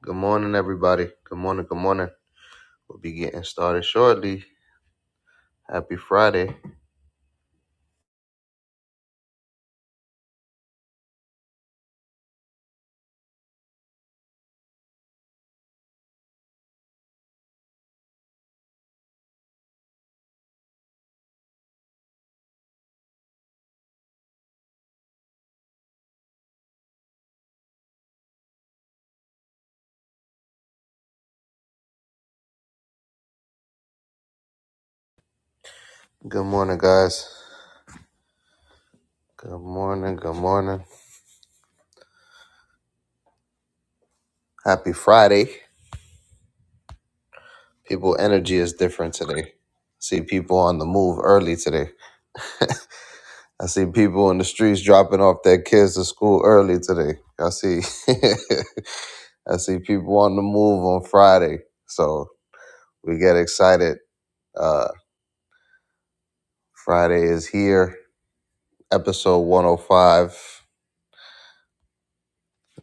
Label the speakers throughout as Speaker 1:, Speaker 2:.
Speaker 1: Good morning, everybody. Good morning. Good morning. We'll be getting started shortly. Happy Friday. Good morning, guys. Good morning. Good morning. Happy Friday. People, energy is different today. I see people on the move early today. I see people in the streets dropping off their kids to school early today. I see, I see people on the move on Friday. So we get excited. Uh, Friday is here. Episode 105.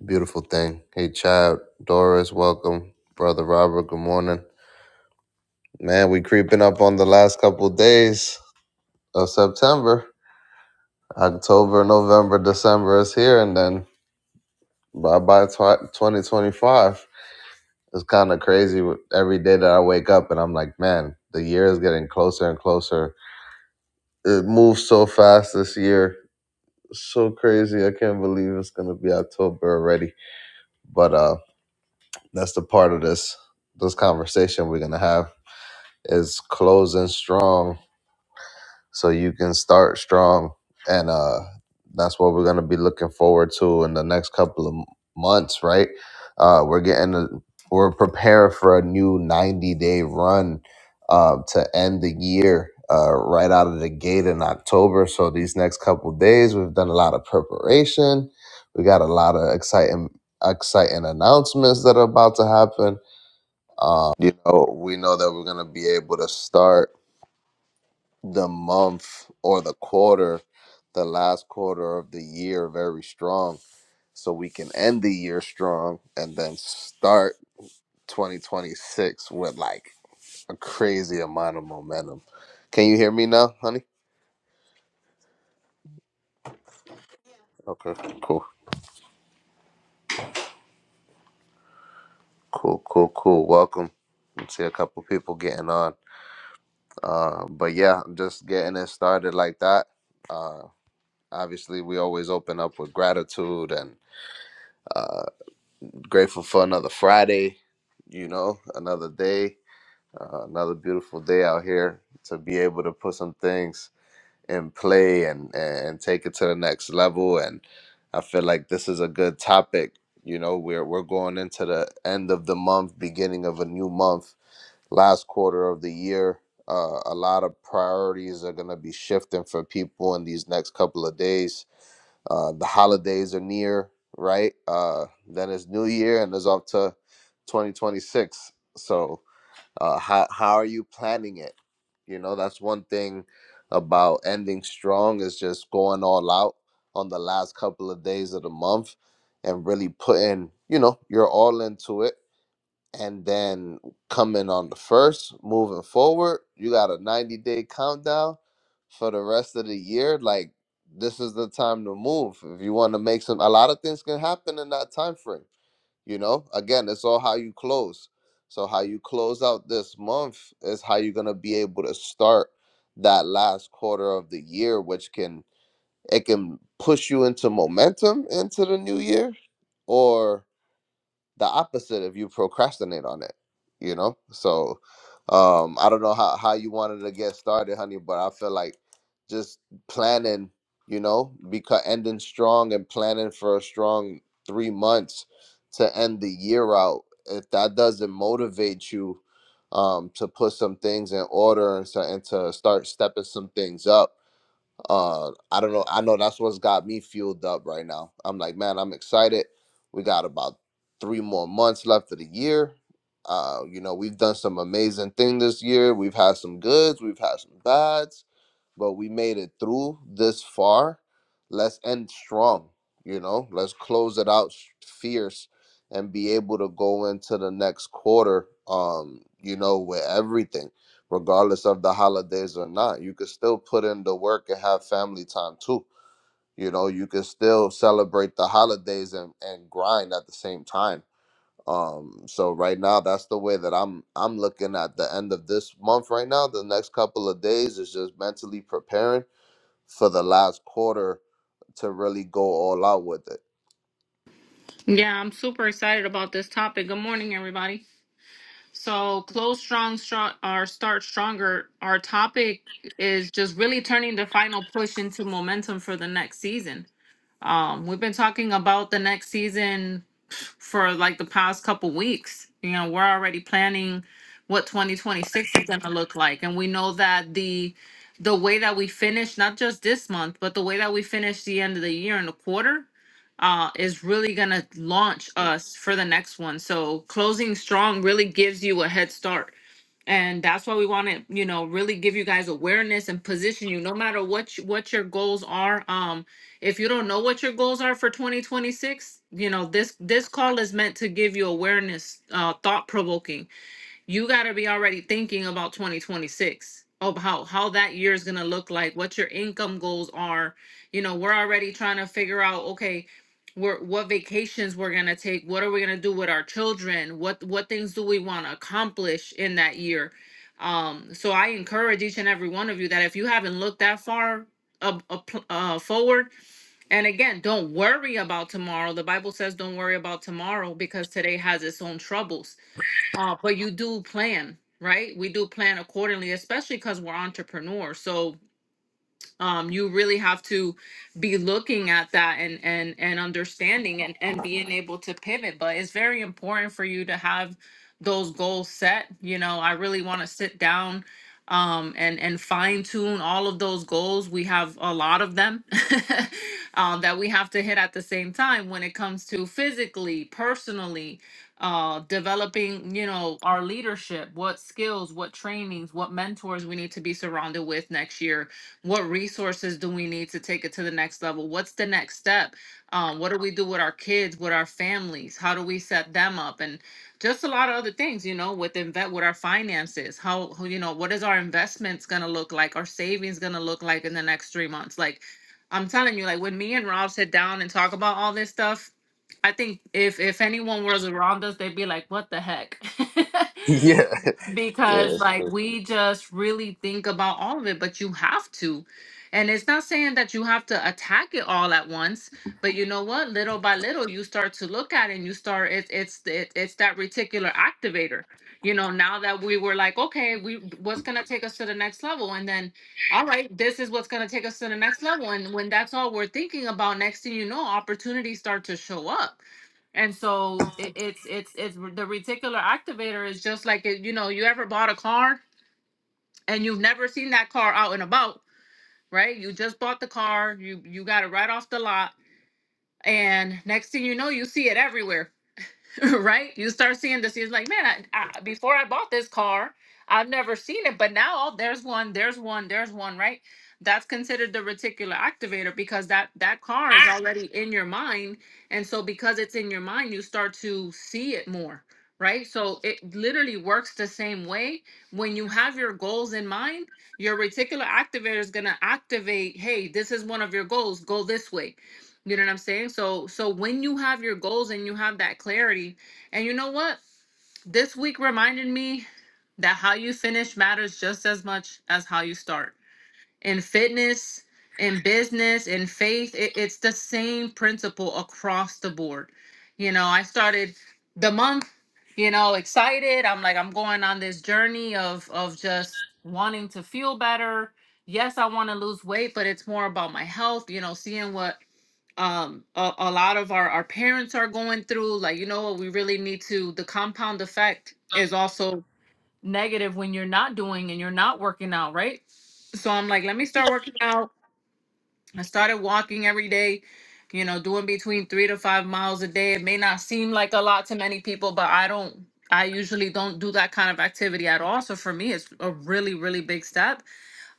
Speaker 1: Beautiful thing. Hey, child, Doris, welcome. Brother Robert, good morning. Man, we creeping up on the last couple of days of September. October, November, December is here, and then bye bye tw- 2025. It's kind of crazy with- every day that I wake up and I'm like, man, the year is getting closer and closer. It moves so fast this year. So crazy. I can't believe it's going to be October already. But uh that's the part of this this conversation we're going to have is closing strong so you can start strong and uh that's what we're going to be looking forward to in the next couple of m- months right uh we're getting a, we're preparing for a new 90 day run uh, to end the year uh, right out of the gate in october so these next couple days we've done a lot of preparation we got a lot of exciting exciting announcements that are about to happen um, you know we know that we're going to be able to start the month or the quarter, the last quarter of the year very strong. So we can end the year strong and then start 2026 with like a crazy amount of momentum. Can you hear me now, honey? Okay, cool, cool, cool, cool. Welcome. I see a couple people getting on. Uh, but yeah, I'm just getting it started like that. Uh, obviously, we always open up with gratitude and uh. Grateful for another Friday, you know, another day, uh, another beautiful day out here to be able to put some things in play and, and take it to the next level. And I feel like this is a good topic. You know, we're, we're going into the end of the month, beginning of a new month, last quarter of the year. Uh, a lot of priorities are going to be shifting for people in these next couple of days uh, the holidays are near, right? Uh, then it's New Year and it's up to 2026. So, uh, how, how are you planning it? You know, that's one thing about ending strong is just going all out on the last couple of days of the month and really putting, you know, you're all into it and then coming on the first, moving forward, you got a 90 day countdown for the rest of the year. Like this is the time to move. If you want to make some a lot of things can happen in that time frame. You know, again, it's all how you close. So how you close out this month is how you're gonna be able to start that last quarter of the year, which can it can push you into momentum into the new year or the opposite if you procrastinate on it you know so um i don't know how, how you wanted to get started honey but i feel like just planning you know because ending strong and planning for a strong three months to end the year out if that doesn't motivate you um to put some things in order and, so, and to start stepping some things up uh, I don't know. I know that's what's got me fueled up right now. I'm like, man, I'm excited. We got about three more months left of the year. Uh, you know, we've done some amazing thing this year. We've had some goods, we've had some bads but we made it through this far. Let's end strong, you know. Let's close it out fierce and be able to go into the next quarter, um, you know, with everything, regardless of the holidays or not. You could still put in the work and have family time too. You know, you could still celebrate the holidays and, and grind at the same time. Um, so right now that's the way that I'm I'm looking at the end of this month right now. The next couple of days is just mentally preparing for the last quarter to really go all out with it.
Speaker 2: Yeah, I'm super excited about this topic. Good morning, everybody. So, close strong, strong, or start stronger. Our topic is just really turning the final push into momentum for the next season. Um, we've been talking about the next season for like the past couple weeks. You know, we're already planning what 2026 is going to look like, and we know that the the way that we finish not just this month, but the way that we finish the end of the year and the quarter uh, is really going to launch us for the next one. So closing strong really gives you a head start and that's why we want to you know really give you guys awareness and position you no matter what you, what your goals are um if you don't know what your goals are for 2026 you know this this call is meant to give you awareness uh thought provoking you got to be already thinking about 2026 of how how that year is going to look like what your income goals are you know we're already trying to figure out okay we're, what vacations we're going to take what are we going to do with our children what what things do we want to accomplish in that year um so i encourage each and every one of you that if you haven't looked that far up, up, uh, forward and again don't worry about tomorrow the bible says don't worry about tomorrow because today has its own troubles uh, but you do plan, right? We do plan accordingly, especially because we're entrepreneurs. So um you really have to be looking at that and and and understanding and and being able to pivot but it's very important for you to have those goals set you know i really want to sit down um and and fine tune all of those goals we have a lot of them um that we have to hit at the same time when it comes to physically personally uh developing you know our leadership what skills what trainings what mentors we need to be surrounded with next year what resources do we need to take it to the next level what's the next step um, what do we do with our kids with our families how do we set them up and just a lot of other things you know with invest with our finances how how, you know what is our investments going to look like our savings going to look like in the next three months like i'm telling you like when me and rob sit down and talk about all this stuff i think if if anyone was around us they'd be like what the heck
Speaker 1: yeah. Yeah,
Speaker 2: because
Speaker 1: it's
Speaker 2: like
Speaker 1: pretty-
Speaker 2: we just really think about all of it but you have to and it's not saying that you have to attack it all at once but you know what little by little you start to look at it and you start it's it's it, it's that reticular activator you know now that we were like okay we what's going to take us to the next level and then all right this is what's going to take us to the next level and when that's all we're thinking about next thing you know opportunities start to show up and so it, it's it's it's r- the reticular activator is just like it, you know you ever bought a car and you've never seen that car out and about, right? You just bought the car, you you got it right off the lot, and next thing you know, you see it everywhere right? You start seeing this. He's like, man, I, I, before I bought this car, I've never seen it, but now oh, there's one, there's one, there's one, right? That's considered the reticular activator because that that car is already in your mind, and so because it's in your mind, you start to see it more, right? So it literally works the same way. When you have your goals in mind, your reticular activator is gonna activate. Hey, this is one of your goals. Go this way you know what I'm saying? So so when you have your goals and you have that clarity, and you know what? This week reminded me that how you finish matters just as much as how you start. In fitness, in business, in faith, it, it's the same principle across the board. You know, I started the month, you know, excited. I'm like, I'm going on this journey of of just wanting to feel better. Yes, I want to lose weight, but it's more about my health, you know, seeing what um a, a lot of our our parents are going through like you know what we really need to the compound effect is also negative when you're not doing and you're not working out right so i'm like let me start working out i started walking every day you know doing between three to five miles a day it may not seem like a lot to many people but i don't i usually don't do that kind of activity at all so for me it's a really really big step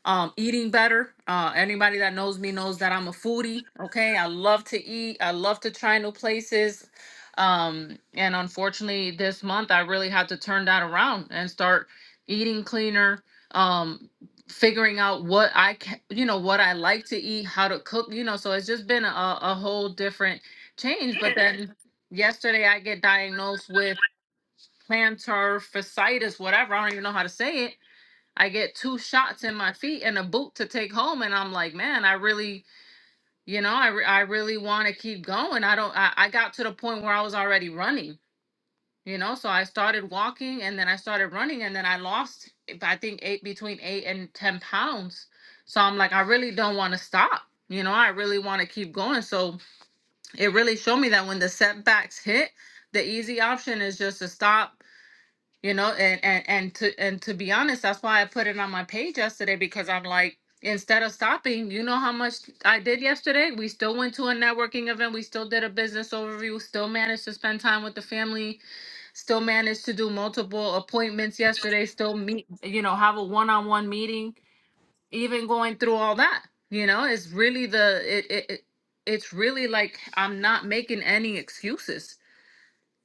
Speaker 2: um eating better uh anybody that knows me knows that i'm a foodie okay i love to eat i love to try new places um and unfortunately this month i really had to turn that around and start eating cleaner um figuring out what i can you know what i like to eat how to cook you know so it's just been a, a whole different change but then yesterday i get diagnosed with plantar fasciitis whatever i don't even know how to say it I get two shots in my feet and a boot to take home, and I'm like, man, I really, you know, I, re- I really want to keep going. I don't, I, I got to the point where I was already running, you know, so I started walking and then I started running and then I lost, I think eight between eight and ten pounds. So I'm like, I really don't want to stop, you know, I really want to keep going. So it really showed me that when the setbacks hit, the easy option is just to stop you know and and and to and to be honest that's why i put it on my page yesterday because i'm like instead of stopping you know how much i did yesterday we still went to a networking event we still did a business overview still managed to spend time with the family still managed to do multiple appointments yesterday still meet you know have a one-on-one meeting even going through all that you know it's really the it, it, it it's really like i'm not making any excuses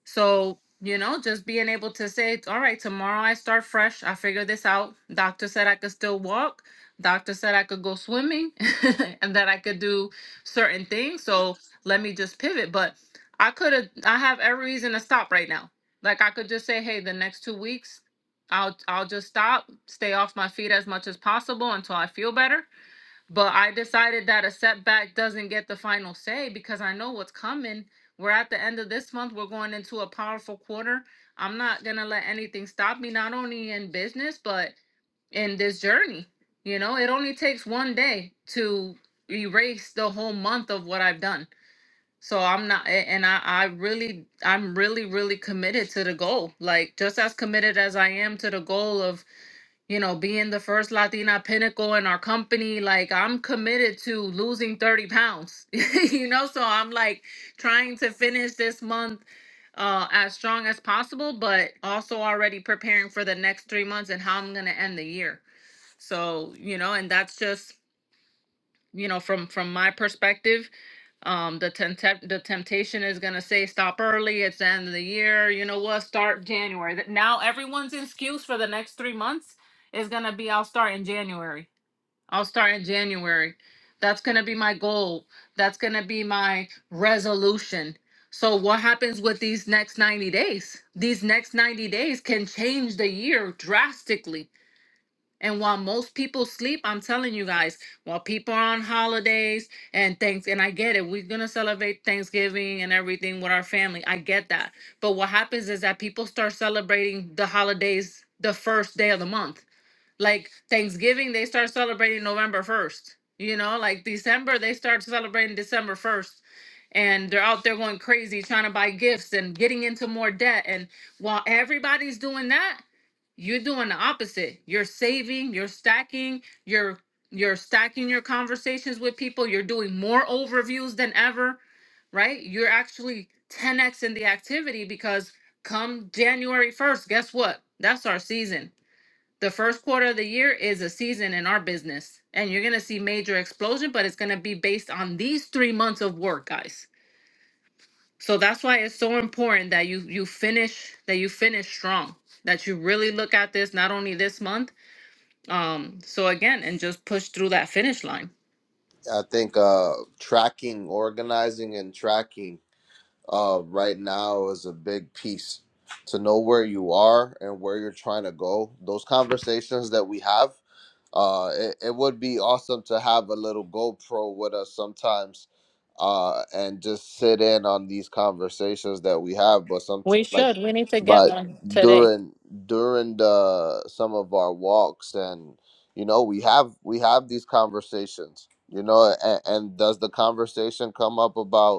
Speaker 2: so, you know, just being able to say, all right, tomorrow I start fresh. I figure this out. Doctor said I could still walk. Doctor said I could go swimming and that I could do certain things. So let me just pivot. But I could have, I have every reason to stop right now. Like I could just say, hey, the next two weeks, I'll I'll just stop, stay off my feet as much as possible until I feel better but I decided that a setback doesn't get the final say because I know what's coming. We're at the end of this month. We're going into a powerful quarter. I'm not going to let anything stop me, not only in business, but in this journey. You know, it only takes one day to erase the whole month of what I've done. So I'm not, and I, I really, I'm really, really committed to the goal. Like just as committed as I am to the goal of you know, being the first Latina pinnacle in our company, like I'm committed to losing 30 pounds, you know, so I'm like trying to finish this month uh, as strong as possible, but also already preparing for the next three months and how I'm going to end the year. So, you know, and that's just, you know, from from my perspective, um, the tempt- the temptation is gonna say stop early. It's the end of the year. You know what? Start January. Th- Now everyone's excuse for the next three months is gonna be I'll start in January. I'll start in January. That's gonna be my goal. That's gonna be my resolution. So what happens with these next 90 days? These next 90 days can change the year drastically and while most people sleep, I'm telling you guys, while people are on holidays and things, and I get it, we're gonna celebrate Thanksgiving and everything with our family. I get that. But what happens is that people start celebrating the holidays the first day of the month. Like Thanksgiving, they start celebrating November 1st. You know, like December, they start celebrating December 1st. And they're out there going crazy trying to buy gifts and getting into more debt. And while everybody's doing that, you're doing the opposite. You're saving, you're stacking, you're you're stacking your conversations with people, you're doing more overviews than ever, right? You're actually 10x in the activity because come January 1st, guess what? That's our season. The first quarter of the year is a season in our business, and you're going to see major explosion, but it's going to be based on these 3 months of work, guys. So that's why it's so important that you you finish that you finish strong. That you really look at this not only this month, um, so again, and just push through that finish line.
Speaker 1: I think uh, tracking, organizing, and tracking uh, right now is a big piece to know where you are and where you're trying to go. Those conversations that we have. Uh, it, it would be awesome to have a little GoPro with us sometimes, uh, and just sit in on these conversations that we have. But some
Speaker 2: We
Speaker 1: like,
Speaker 2: should. We need to get
Speaker 1: but
Speaker 2: one today.
Speaker 1: during during the some of our walks and you know we have we have these conversations. You know, and, and does the conversation come up about?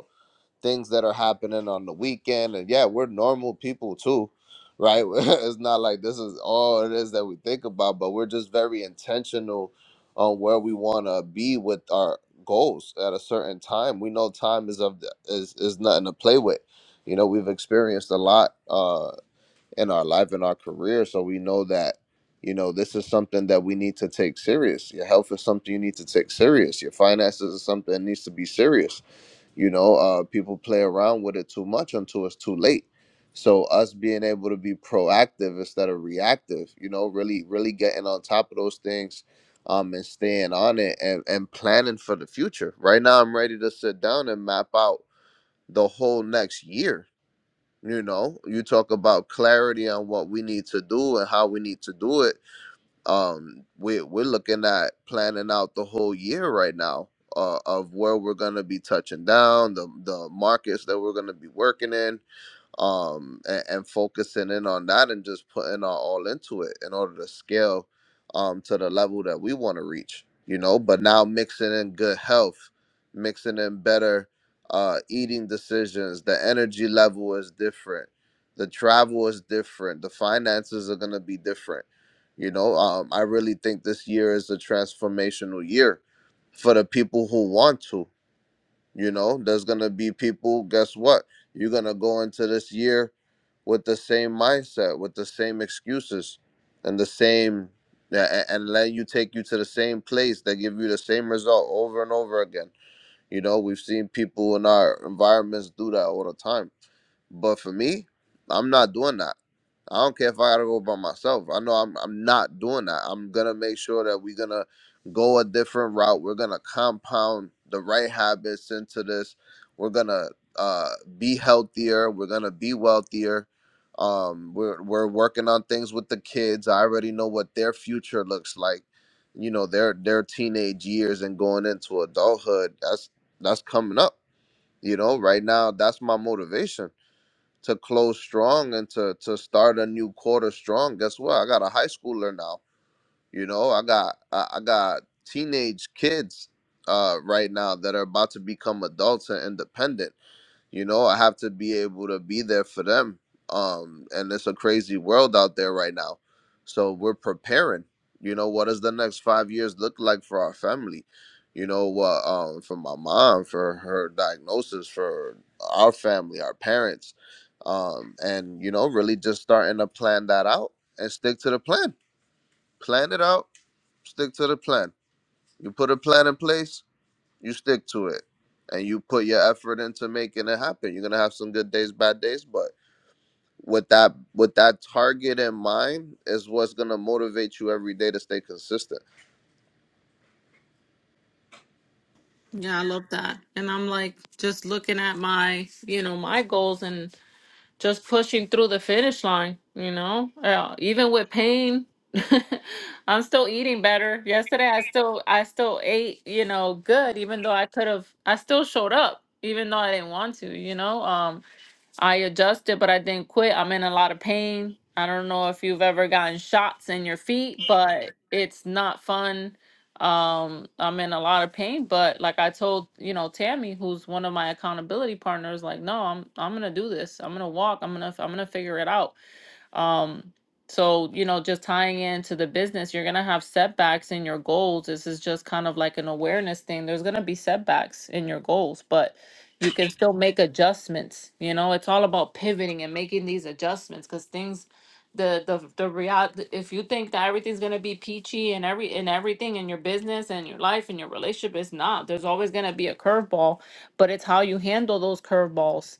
Speaker 1: things that are happening on the weekend and yeah we're normal people too right it's not like this is all it is that we think about but we're just very intentional on where we want to be with our goals at a certain time we know time is of the, is is nothing to play with you know we've experienced a lot uh in our life in our career so we know that you know this is something that we need to take serious your health is something you need to take serious your finances is something that needs to be serious you know uh, people play around with it too much until it's too late so us being able to be proactive instead of reactive you know really really getting on top of those things um and staying on it and, and planning for the future right now i'm ready to sit down and map out the whole next year you know you talk about clarity on what we need to do and how we need to do it um we're we're looking at planning out the whole year right now uh, of where we're gonna be touching down, the the markets that we're gonna be working in, um and, and focusing in on that and just putting our all into it in order to scale um to the level that we want to reach you know but now mixing in good health mixing in better uh eating decisions the energy level is different the travel is different the finances are going to be different you know um i really think this year is a transformational year for the people who want to you know, there's gonna be people, guess what? You're gonna go into this year with the same mindset, with the same excuses and the same a- and let you take you to the same place that give you the same result over and over again. You know, we've seen people in our environments do that all the time. But for me, I'm not doing that. I don't care if I gotta go by myself. I know I'm I'm not doing that. I'm gonna make sure that we're gonna go a different route. We're gonna compound the right habits into this. We're gonna uh, be healthier. We're gonna be wealthier. Um, we're we're working on things with the kids. I already know what their future looks like. You know their their teenage years and going into adulthood. That's that's coming up. You know, right now that's my motivation to close strong and to to start a new quarter strong. Guess what? I got a high schooler now. You know, I got I, I got teenage kids uh right now that are about to become adults and independent you know i have to be able to be there for them um and it's a crazy world out there right now so we're preparing you know what does the next five years look like for our family you know what um for my mom for her diagnosis for our family our parents um and you know really just starting to plan that out and stick to the plan plan it out stick to the plan you put a plan in place you stick to it and you put your effort into making it happen you're gonna have some good days bad days but with that with that target in mind is what's gonna motivate you every day to stay consistent
Speaker 2: Yeah, I love that. And I'm like just looking at my, you know, my goals and. just pushing through the finish line, you know, uh, even with pain. I'm still eating better. Yesterday I still I still ate, you know, good even though I could have I still showed up even though I didn't want to, you know. Um I adjusted, but I didn't quit. I'm in a lot of pain. I don't know if you've ever gotten shots in your feet, but it's not fun. Um, I'm in a lot of pain, but like I told, you know, Tammy, who's one of my accountability partners, like, no, I'm I'm gonna do this. I'm gonna walk. I'm gonna I'm gonna figure it out um, so, you know, just tying into the business, you're going to have setbacks in your goals. This is just kind of like an awareness thing. There's going to be setbacks in your goals, but you can still make adjustments. You know, it's all about pivoting and making these adjustments because things, the, the, the reality, if you think that everything's going to be peachy and every, and everything in your business and your life and your relationship, it's not. There's always going to be a curveball, but it's how you handle those curveballs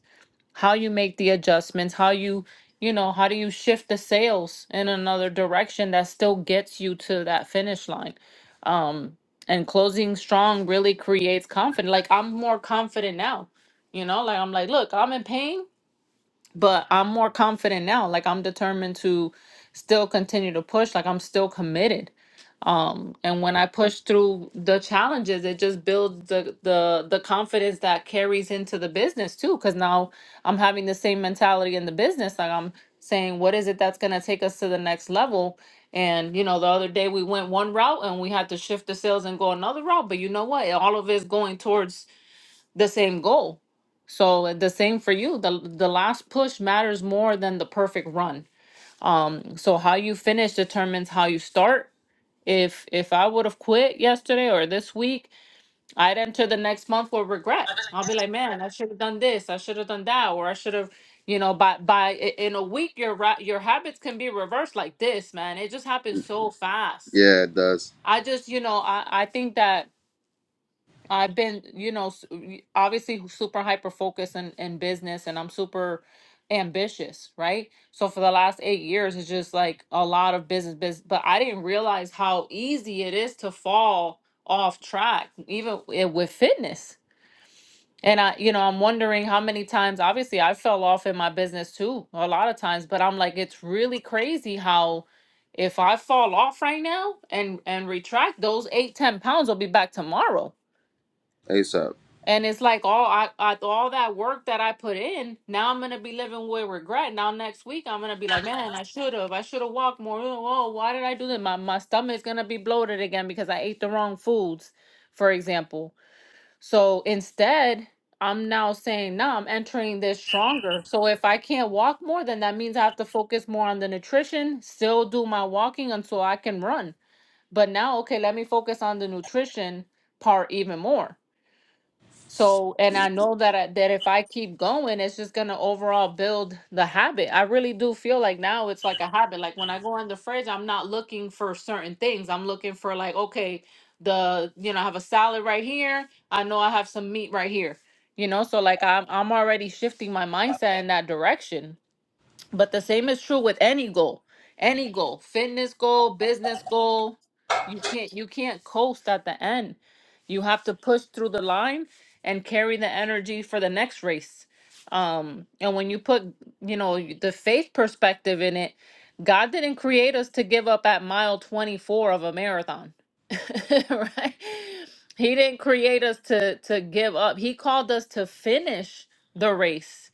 Speaker 2: how you make the adjustments, how you, you know, how do you shift the sales in another direction that still gets you to that finish line. Um, and closing strong really creates confidence. Like I'm more confident now, you know, like I'm like, look, I'm in pain, but I'm more confident now. Like I'm determined to still continue to push, like I'm still committed um and when i push through the challenges it just builds the the the confidence that carries into the business too because now i'm having the same mentality in the business like i'm saying what is it that's going to take us to the next level and you know the other day we went one route and we had to shift the sales and go another route but you know what all of it's going towards the same goal so the same for you the the last push matters more than the perfect run um so how you finish determines how you start if if I would have quit yesterday or this week, I'd enter the next month with regret. I'll be like, man, I should have done this, I should have done that, or I should have, you know, by by i- in a week your ra- your habits can be reversed like this, man. It just happens so fast.
Speaker 1: yeah it does
Speaker 2: I just, you know, I I think that I've been, you know, s- obviously super hyper focused in, in business and I'm super ambitious, right? So for the last eight years, it's just like a lot of business, business, but I didn't realize how easy it is to fall off track, even i- with fitness. And I, you know, I'm wondering how many times, obviously, I fell off in my business too, a lot of times, but I'm like, it's really crazy how if I fall off right now and and retract those eight ten 10 pounds, will be back tomorrow
Speaker 1: asap
Speaker 2: and it's like all I, I all that work that I put in, now I'm gonna be living with regret. Now next week I'm gonna be like, man, I should have, I should have walked more. Oh, why did I do this? My my stomach's gonna be bloated again because I ate the wrong foods, for example. So instead, I'm now saying, no, I'm entering this stronger. So if I can't walk more, then that means I have to focus more on the nutrition, still do my walking until I can run. But now, okay, let me focus on the nutrition part even more so, and I know that I, that if I keep going, it's just gonna overall build the habit. I really do feel like now it's like a habit. Like when I go in the fridge, I'm not looking for certain things. I'm looking for like, okay, the you know, I have a salad right here. I know I have some meat right here. You know, so like I'm I'm already shifting my mindset in that direction. But the same is true with any goal, any goal, fitness goal, business goal. You can't you can't coast at the end. You have to push through the line and carry the energy for the next race. Um, and when you put you know the faith perspective in it, God didn't create us to give up at mile twenty four of a marathon, right? He didn't create us to to give up. He called us to finish the race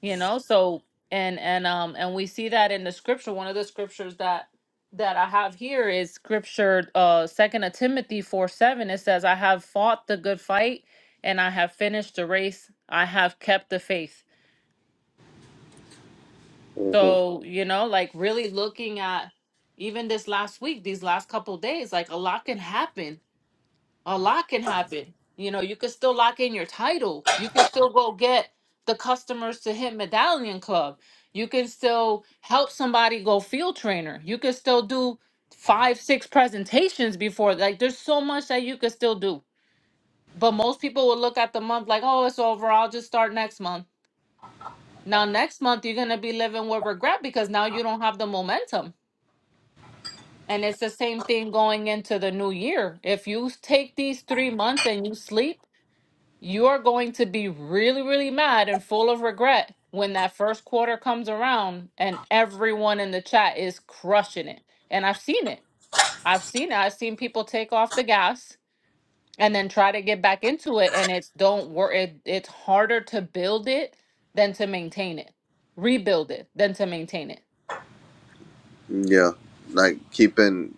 Speaker 2: you know so and and um and we see that in the scripture one of the scriptures that that i have here is scripture uh second of timothy 4 7 it says i have fought the good fight and i have finished the race i have kept the faith
Speaker 1: hmm
Speaker 2: so you know like really looking at even this last week these last couple days like a lot can happen a lot can happen. You know, you could still lock in your title. You can still go get the customers to hit Medallion Club. You can still help somebody go field trainer. You can still do five, six presentations before. Like, there's so much that you could still do. But most people will look at the month like, oh, it's over. I'll just start next month. Now, next month, you're going to be living with regret because now you don't have the momentum. And it's the same thing going into the new year. If you take these three months and you sleep, You are going to be really, really mad and full of regret when that first quarter comes around and everyone in the chat is crushing it. And I've seen it. I've seen it. I've seen people take off the gas and then try to get back into it and it's don't work it, it's harder to build it than to maintain it. Rebuild it than to maintain it.
Speaker 1: yeah like keeping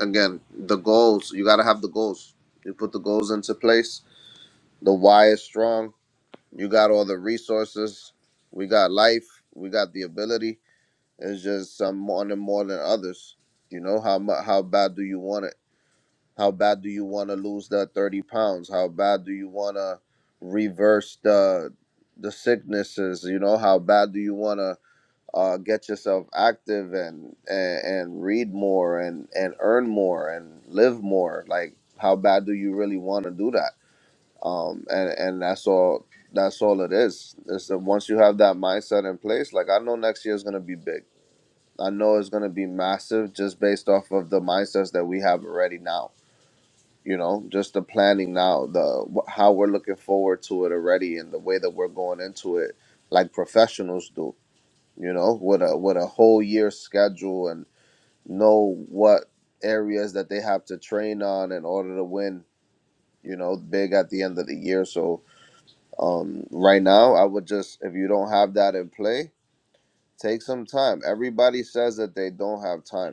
Speaker 1: again the goals you gotta have the goals you put the goals into place the why is strong you got all the resources we got life we got the ability It's just some want it more than others. You know how mu- how bad do you want it? How bad do you want to lose that thirty pounds? How bad do you want to reverse the the sicknesses? You know how bad do you want to uh, get yourself active and, and and read more and and earn more and live more? Like how bad do you really want to do that? Um, and and that's all. That's all it is. Is that once you have that mindset in place, like I know next year is gonna be big. I know it's going to be massive just based off of the mindsets that we have already now. You know, just the planning now, the wh- how we're looking forward to it already, and the way that we're going into it, like professionals do. You know, with a with a whole year schedule and know what areas that they have to train on in order to win. You know, big at the end of the year. So um, right now, I would just if you don't have that in play, take some time. Everybody says that they don't have time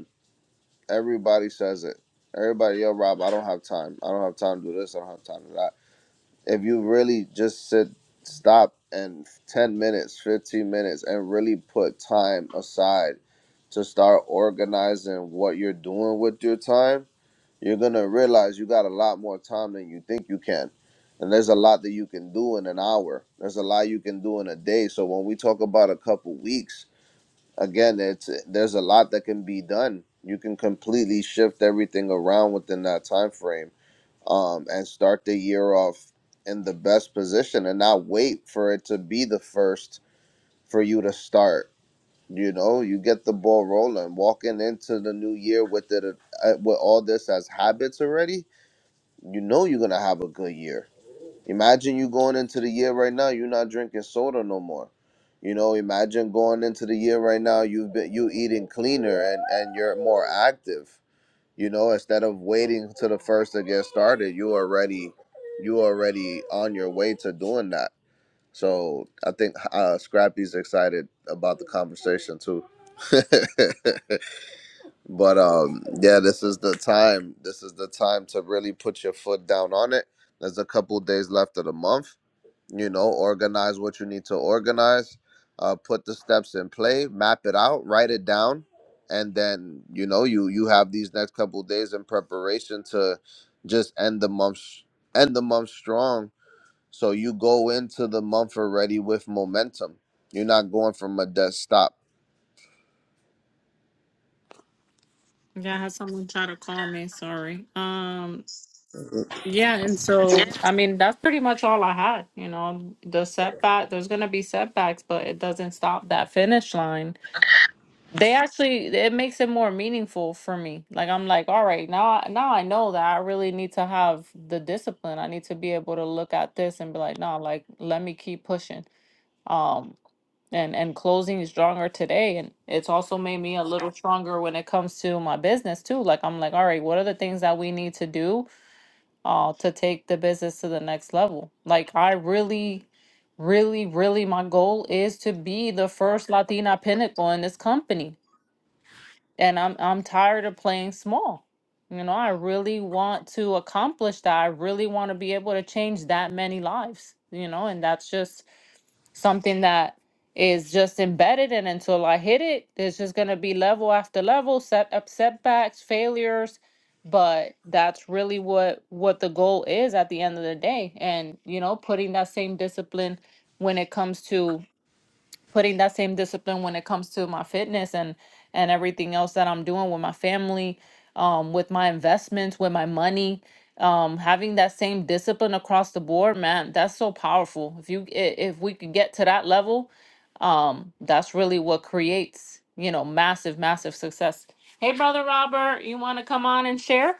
Speaker 1: Everybody says it. Everybody, yo, Rob, I don't have time. I don't have time to do this. I don't have time to do that. If you really just sit, stop, and 10 minutes, 15 minutes, and really put time aside to start organizing what you're doing with your time, you're going to realize you got a lot more time than you think you can. And there's a lot that you can do in an hour. There's a lot you can do in a day. So when we talk about a couple weeks, again, it's there's a lot that can be done. You can completely shift everything around within that time frame, um, and start the year off in the best position, and not wait for it to be the first for you to start. You know, you get the ball rolling, walking into the new year with it uh, with all this as habits already. You know, you're gonna have a good year Imagine you going into the year right now, you're not drinking soda no more. You know, imagine going into the year right now, you've been you eating cleaner and and you're more active. You know, instead of waiting to the first to get started, you already you already on your way to doing that. So I think uh, Scrappy's excited about the conversation too. but um, yeah, this is the time. This is the time to really put your foot down on it. There's a couple days left of the month you know organize what you need to organize uh, put the steps in play map it out write it down and then you know you you have these next couple of days in preparation to just end the month s- end the month strong so you go into the month already with momentum you're not going from a dead stop
Speaker 2: Yeah, I had someone try to call me. Sorry. Um, yeah, and so I mean that's pretty much all I had. You know, the setback. There's gonna be setbacks, but it doesn't stop that finish line. They actually it makes it more meaningful for me. Like I'm like, all right, now I- now I know that I really need to have the discipline. I need to be able to look at this and be like, no, like let me keep pushing. Um, and and closing stronger today and it's also made me a little stronger when it comes to my business too like i'm like all right what are the things that we need to do uh to take the business to the next level like i really really really my goal is to be the first latina pinnacle in this company and i'm i'm tired of playing small you know i really want to accomplish that i really want to be able to change that many lives you know and that's just something that is just embedded and so, until I hit it, there's just gonna be level after level, set up setbacks, failures. But that's really what what the goal is at the end of the day. And you know, putting that same discipline when it comes to putting that same discipline when it comes to my fitness and and everything else that I'm doing with my family, um, with my investments, with my money. Um, having that same discipline across the board, man, that's so powerful. If you i- if we could get to that level, um, that's really what creates you know massive, massive success. Hey, brother Robert, you want to come on and share?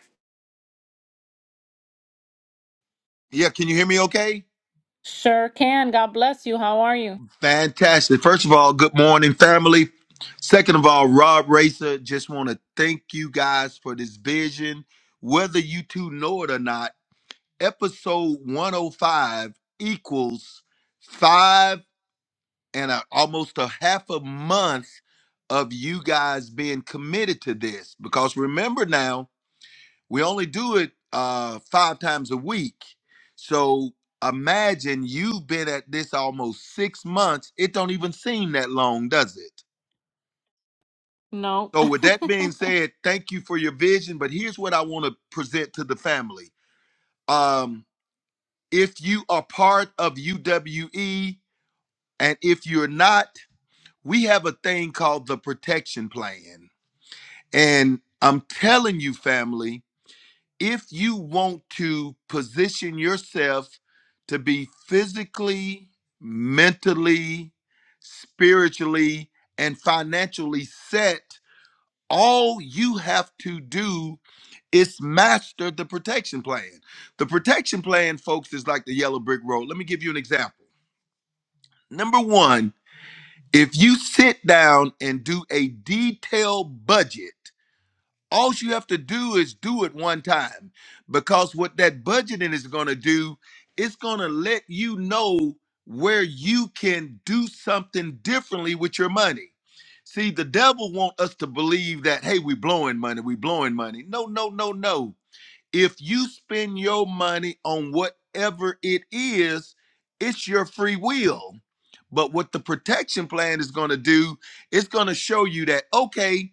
Speaker 3: Yeah, can you hear me okay?
Speaker 2: Sure can. God bless you. How are you?
Speaker 3: Fantastic. First of all, good morning, family. Second of all, Rob Racer, just want to thank you guys for this vision. Whether you two know it or not, episode 105 equals five and a, almost a half a month of you guys being committed to this. Because remember now, We only do it uh, five times a week. So imagine you've been at this almost six months. It don't even seem that long, does it?
Speaker 2: No.
Speaker 3: So, with that being said, thank you for your vision. But here's what I want to present to the family. Um, if you are part of UWE, and if you're not, we have a thing called the protection plan. And I'm telling you, family, if you want to position yourself to be physically, mentally, spiritually, and financially set, all you have to do is master the protection plan. The protection plan, folks, is like the yellow brick road. Let me give you an example. Number one, if you sit down and do a detailed budget, all you have to do is do it one time because what that budgeting is going to do, it's going to let you know where you can do something differently with your money. See, the devil want us to believe that hey, we blowing money, we blowing money. No, no, no, no. If you spend your money on whatever it is, it's your free will. But what the protection plan is going to do, it's going to show you that okay,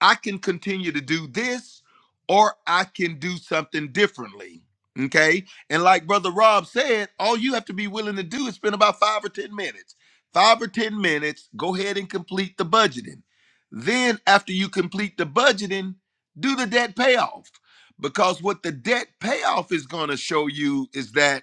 Speaker 3: I can continue to do this or I can do something differently. Okay. And like Brother Rob said, all you have to be willing to do is spend about five or 10 minutes. Five or 10 minutes, go ahead and complete the budgeting. Then, after you complete the budgeting, do the debt payoff. Because what the debt payoff is going to show you is that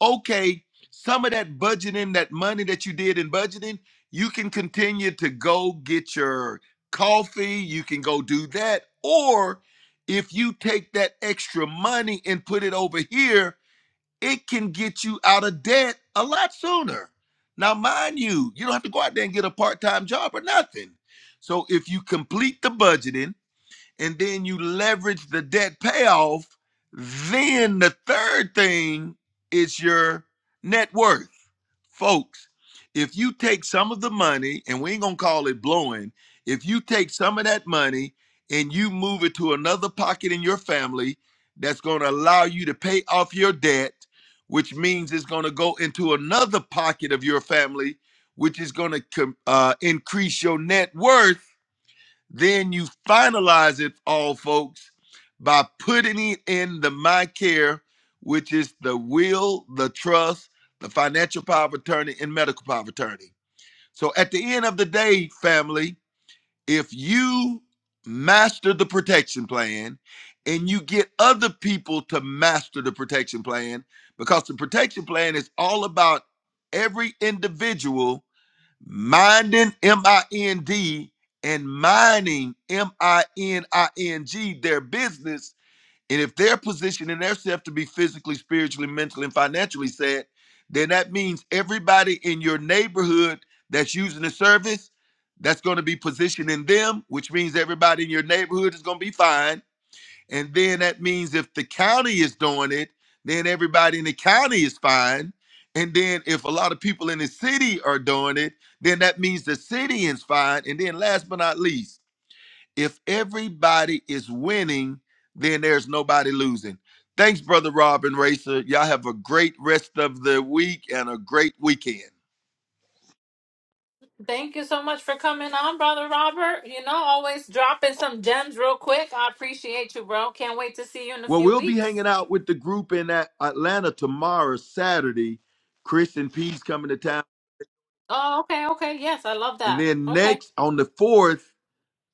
Speaker 3: okay, some of that budgeting, that money that you did in budgeting, you can continue to go get your coffee, you can go do that. Or if you take that extra money and put it over here, it can get you out of debt a lot sooner. Now, mind you, you don't have to go out there and get a part time job or nothing. So if you complete the budgeting, and then you leverage the debt payoff, then the third thing is your net worth. Folks, if you take some of the money, and we ain't gonna call it blowing, if you take some of that money and you move it to another pocket in your family that's gonna allow you to pay off your debt, which means it's gonna go into another pocket of your family, which is gonna com- uh, increase your net worth then you finalize it all, folks, by putting it in the My Care, which is the will, the trust, the financial power of attorney, and medical power of attorney. So at the end of the day, family, if you master the protection plan and you get other people to master the protection plan, because the protection plan is all about every individual minding m-i-n-d and mining m-i-n-i-n-g their business and if they're positioning themselves to be physically spiritually mentally and financially set, then that means everybody in your neighborhood that's using the service that's going to be positioning them which means everybody in your neighborhood is going to be fine and then that means if the county is doing it, then everybody in the county is fine. And then if a lot of people in the city are doing it, then that means the city is fine. And then last but not least, if everybody is winning, then there's nobody losing. Thanks, Brother Rob and Racer. Y'all have a great rest of the week and a great weekend.
Speaker 2: Thank you so much for coming on, Brother Robert. You know, always dropping some gems real quick. I appreciate you, bro. Can't wait to see you in a
Speaker 3: Well,
Speaker 2: few
Speaker 3: we'll be
Speaker 2: weeks.
Speaker 3: hanging out with the group in At- Atlanta tomorrow, Saturday. Chris and P's coming to town.
Speaker 2: Oh, okay, okay. Yes, I love
Speaker 3: And
Speaker 2: that.
Speaker 3: then
Speaker 2: Okay.
Speaker 3: next on the 4th,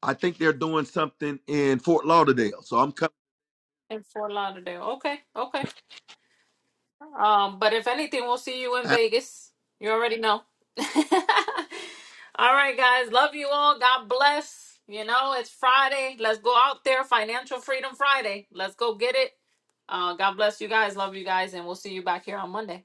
Speaker 3: I think they're doing something in Fort Lauderdale. So I'm coming.
Speaker 2: In Fort Lauderdale. Okay, okay. Um, but if anything, we'll see you in Vegas. You already know. all right, guys. Love you all. God bless. You know, it's Friday. Let's go out there. Financial Freedom Friday. Let's go get it. Uh, God bless you guys. Love you guys. And we'll see you back here on Monday.